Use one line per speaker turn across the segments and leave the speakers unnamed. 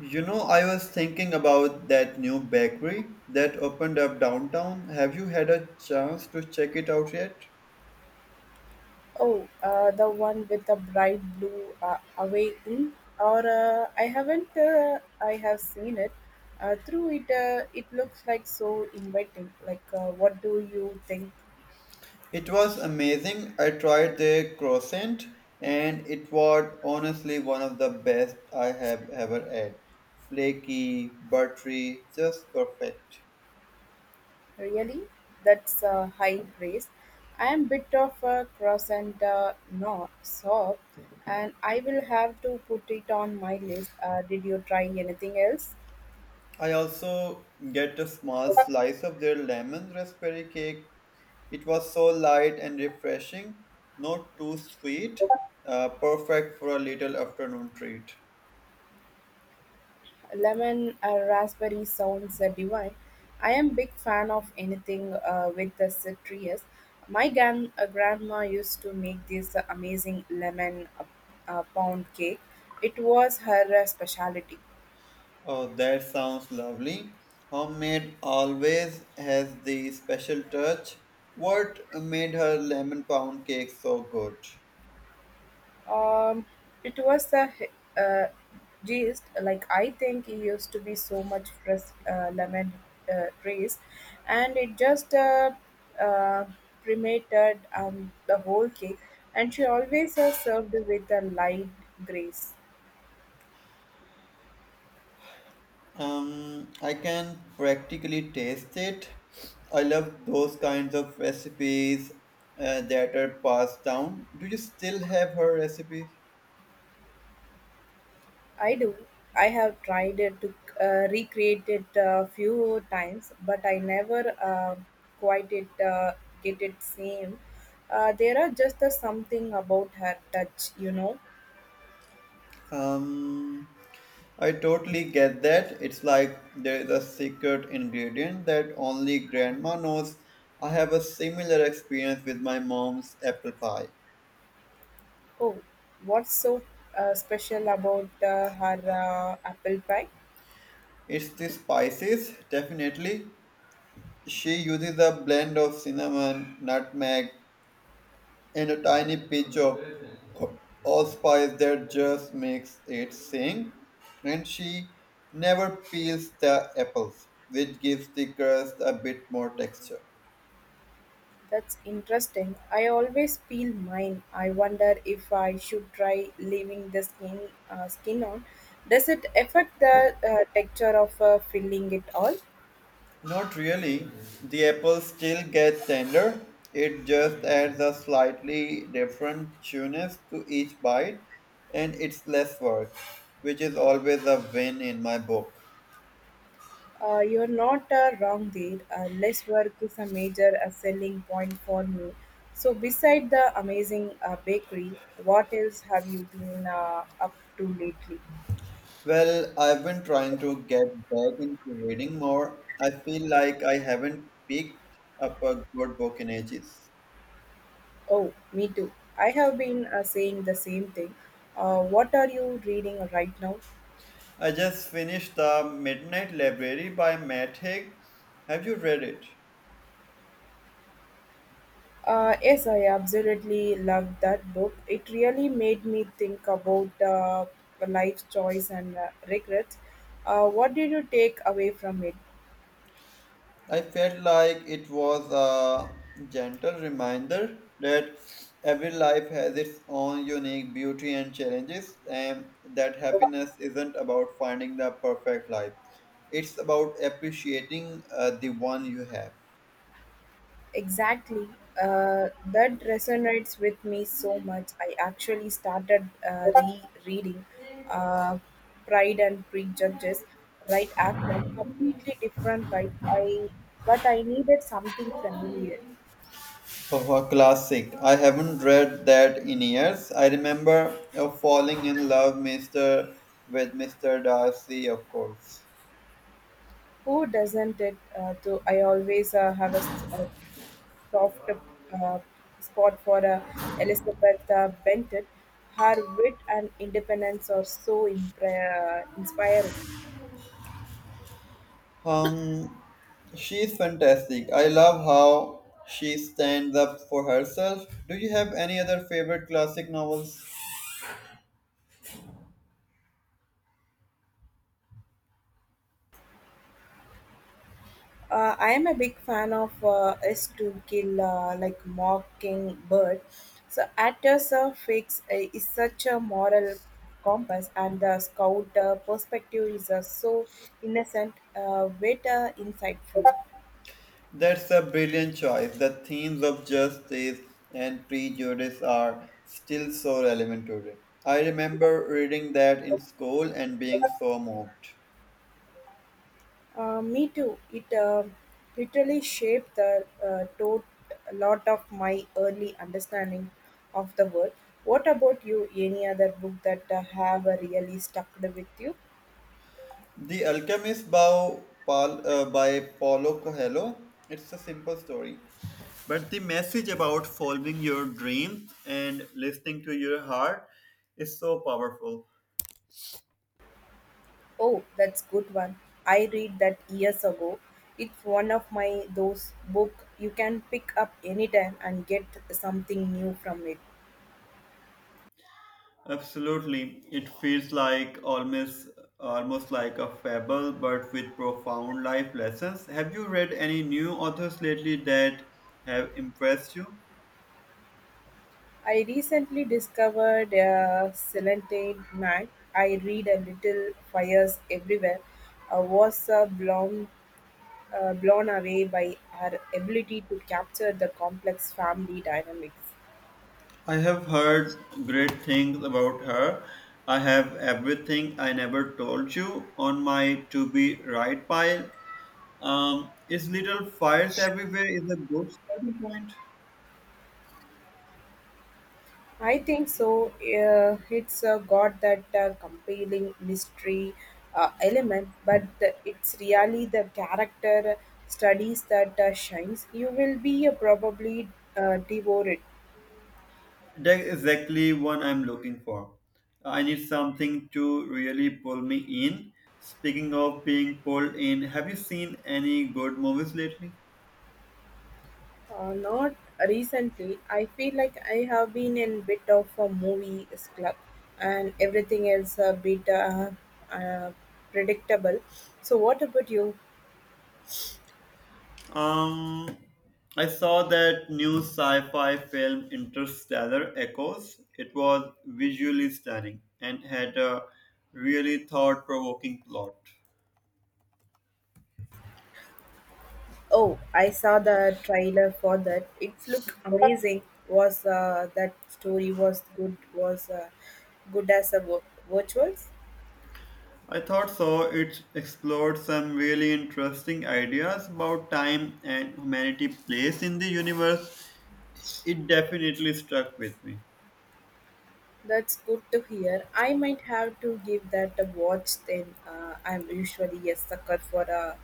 You know, I was thinking about that new bakery that opened up downtown. Have you had a chance to check it out yet?
Oh, the one with the bright blue away in, or I haven't. I have seen it. Through it, it looks like so inviting. Like, what do you think?
It was amazing. I tried their croissant and it was honestly one of the best I have ever had. Flaky, buttery, just perfect.
Really, that's high praise. I am bit of a cross and not soft, and I will have to put it on my list. Did you try anything else?
I also get a small slice of their lemon raspberry cake. It was so light and refreshing, not too sweet, perfect for a little afternoon treat.
Lemon or raspberry sounds divine. I am big fan of anything with the citrus. My grandma used to make this amazing lemon pound cake. It was her specialty.
Oh, that sounds lovely. Homemade always has the special touch. What made her lemon pound cake so good?
Um, it was a uh, gist. Like I think he used to be so much fresh lemon race, and it just uh, cremated the whole cake. And she always has served with a light grace.
I can practically taste it. I love those kinds of recipes that are passed down. Do you still have her recipe?
I do. I have tried it to recreate it a few times, but I never quite it get it same. There are just something about her touch, you know.
Um, I totally get that. It's like there is a secret ingredient that only grandma knows. I have a similar experience with my mom's apple pie.
Oh, what's so special about her apple pie?
It's the spices, definitely. She uses a blend of cinnamon, nutmeg, and a tiny pinch of allspice that just makes it sing. And she never peels the apples, which gives the crust a bit more texture.
That's interesting. I always peel mine. I wonder if I should try leaving the skin on. Does it affect the texture of filling it all?
Not really. The apples still get tender. It just adds a slightly different chewiness to each bite, and it's less work, which is always a win in my book.
You're not wrong there. Less work is a major selling point for me. So, beside the amazing bakery, what else have you been up to lately?
Well, I've been trying to get back into reading more. I feel like I haven't picked up a good book in ages.
Oh, me too. I have been saying the same thing. What are you reading right now?
I just finished The Midnight Library by Matt Haig. Have you read it?
Yes, I absolutely loved that book. It really made me think about life choice and regrets. What did you take away from it?
I felt like it was a gentle reminder that every life has its own unique beauty and challenges, and that happiness isn't about finding the perfect life. It's about appreciating the one you have.
Exactly. That resonates with me so much. I actually started re-reading uh, Pride and Prejudice right after. Completely different vibe. I but I needed something familiar.
Oh, a classic. I haven't read that in years. I remember falling in love with Mister Darcy, of course.
Who doesn't it? To I always have a soft spot for Elizabeth Bennet. Her wit and independence are so inspiring.
Um, she's fantastic. I love how she stands up for herself. Do you have any other favorite classic novels?
I am a big fan of Is to Kill like Mockingbird. So actors fix is such a moral compass, and the scout perspective is so innocent, yet insightful.
That's a brilliant choice. The themes of justice and prejudice are still so relevant today. I remember reading that in school and being so moved.
Me too. It literally shaped the lot of my early understanding of the world. What about you? Any other book that have really stuck with you?
The Alchemist Bow Pal, by Paulo Coelho. It's a simple story, but the message about following your dreams and listening to your heart is so powerful.
Oh, that's good one. I read that years ago. It's one of my those book you can pick up anytime and get something new from it.
Absolutely, it feels like almost like a fable, but with profound life lessons. Have you read any new authors lately that have impressed you?
I recently discovered a Celentine Man. I read a little fires everywhere. I was blown away by her ability to capture the complex family dynamics.
I have heard great things about her. I have everything I never told you on my to be right pile. Is little fires everywhere is a good starting point.
I think so. It's got that compelling mystery element, but it's really the character studies that shines. You will be probably devoured.
That's exactly what I'm looking for. I need something to really pull me in. Speaking of being pulled in, have you seen any good movies lately?
Not recently. I feel like I have been in bit of a movie club, and everything else a bit uh, predictable. So, what about you?
Um, I saw that new sci-fi film Interstellar Echoes. It was visually stunning and had a really thought-provoking plot.
Oh, I saw the trailer for that. It looked amazing. Was that story was good? Was good as a virtuals?
I thought so. It explored some really interesting ideas about time and humanity place in the universe. It definitely struck with me.
That's good to hear. I might have to give that a watch. Then I'm usually a sucker for a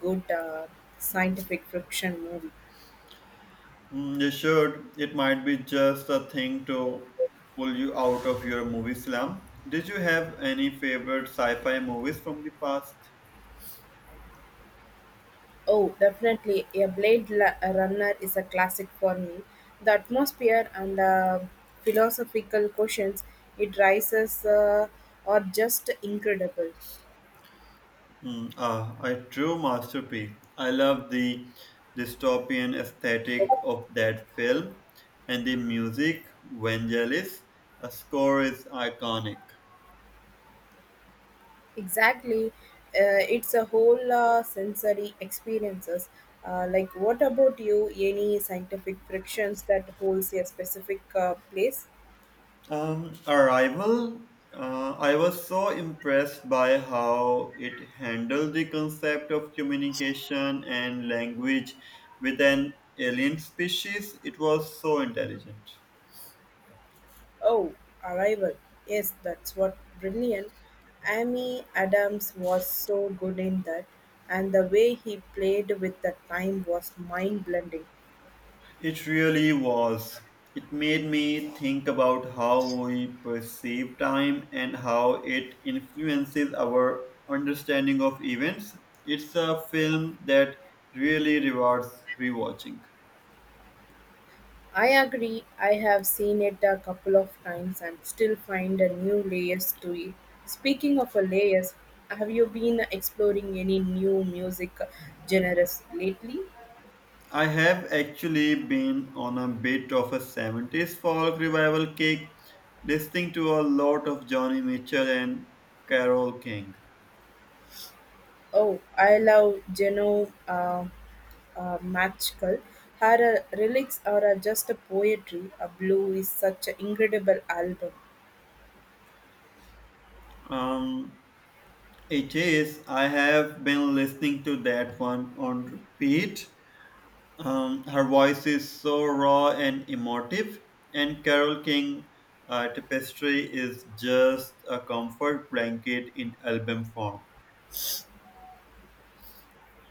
good scientific fiction movie.
Mm, you should. It might be just a thing to pull you out of your movie slump. Did you have any favorite sci-fi movies from the past?
Oh, definitely. A Runner is a classic for me. The atmosphere and the philosophical questions it raises are just incredible.
Mm, ah, a true masterpiece. I love the dystopian aesthetic of that film and the music, Vangelis. The score is iconic.
Exactly. It's a whole sensory experiences. Like, what about you? Any scientific frictions that holds a specific place?
Arrival, I was so impressed by how it handled the concept of communication and language with an alien species. It was so intelligent.
Oh, Arrival. Yes, that's what brilliant. Amy Adams was so good in that, and the way he played with the time was mind blending.
It really was. It made me think about how we perceive time and how it influences our understanding of events. It's a film that really rewards rewatching.
I agree. I have seen it a couple of times and still find a new layers to it. Speaking of a layers, have you been exploring any new music genres lately?
I have actually been on a bit of a 70s folk revival kick, listening to a lot of Johnny Mitchell and Carole King.
Oh, I love Genoa Magical. Her relics are just a poetry. A blue is such an incredible album.
Um, it is, I have been listening to that one on repeat. Her voice is so raw and emotive, and Carole King Tapestry is just a comfort blanket in album form.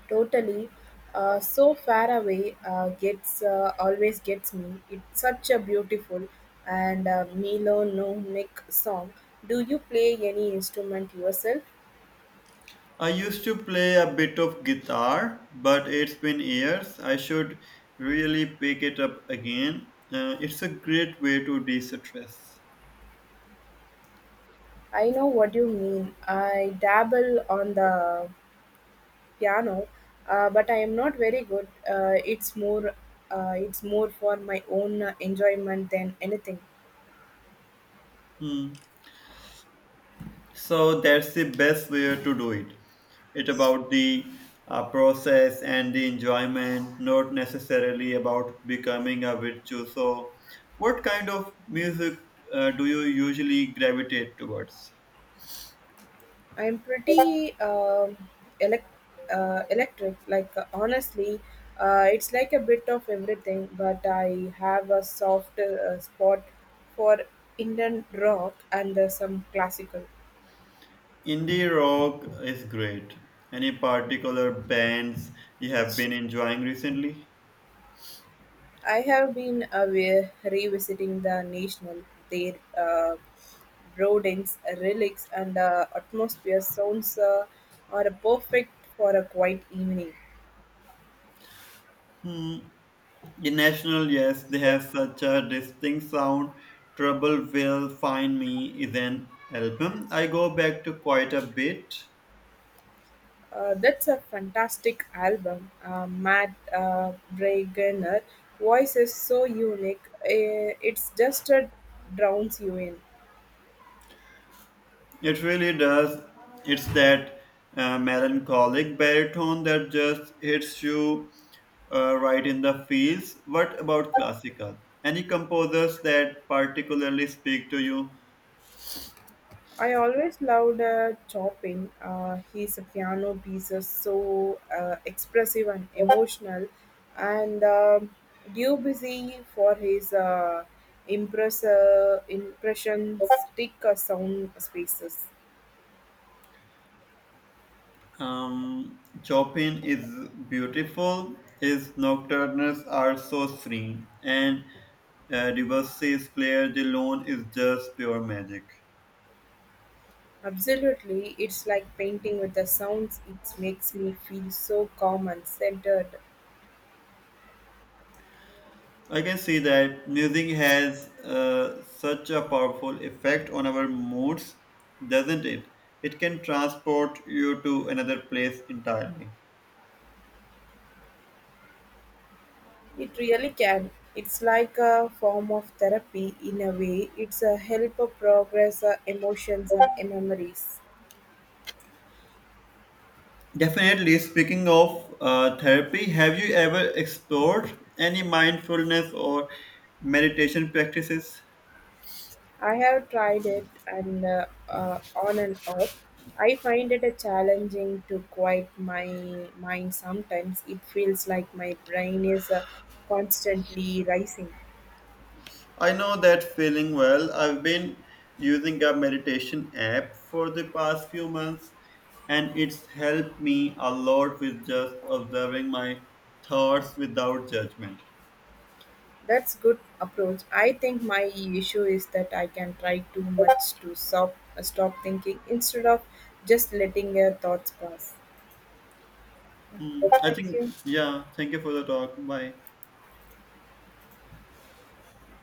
Totally, so far away gets always gets me. It's such a beautiful and melancholic song. Do you play any instrument yourself?
I used to play a bit of guitar, but it's been years. I should really pick it up again. It's a great way to de stress.
I know what you mean. I dabble on the piano, but I am not very good. It's more, it's more for my own enjoyment than anything.
Hmm. So that's the best way to do it. It's about the process and the enjoyment, not necessarily about becoming a virtuoso. So what kind of music do you usually gravitate towards?
I am pretty elec- electric. Like honestly, it's like a bit of everything. But I have a soft spot for Indian rock and some classical.
Indie rock is great. Any particular bands you have been enjoying recently?
I have been away revisiting the national, their buildings, relics, and atmosphere sounds are perfect for a quiet evening.
Hmm. In National, yes, they have such a distinct sound. Trouble Will Find Me is an album I go back to quite a bit.
That's a fantastic album. Matt Bragener voice is so unique. It's just drowns you in.
It really does. It's that melancholic baritone that just hits you right in the feels. What about classical? Any composers that particularly speak to you?
I always loved Chopin. His piano pieces so expressive and emotional, and Debussy for his impressionistic sound spaces.
Chopin is beautiful. His nocturnes are so serene, and Debussy's Clair de Lune is just pure magic.
Absolutely, it's like painting with the sounds. It makes me feel so calm and centered.
I can see that music has such a powerful effect on our moods, doesn't it? It can transport you to another place entirely.
It really can. It's like a form of therapy in a way. It's a help of progress, emotions, and memories.
Definitely. Speaking of therapy, have you ever explored any mindfulness or meditation practices?
I have tried it and on and off. I find it a challenging to quiet my mind sometimes. It feels like my brain is constantly rising.
I know that feeling well. I've been using a meditation app for the past few months and it's helped me a lot with just observing my thoughts without judgment.
That's good approach. I think my issue is that I can try too much to stop thinking instead of just letting your thoughts pass.
Hmm, I
Thank
think,
you.
yeah, thank you for the talk. Bye.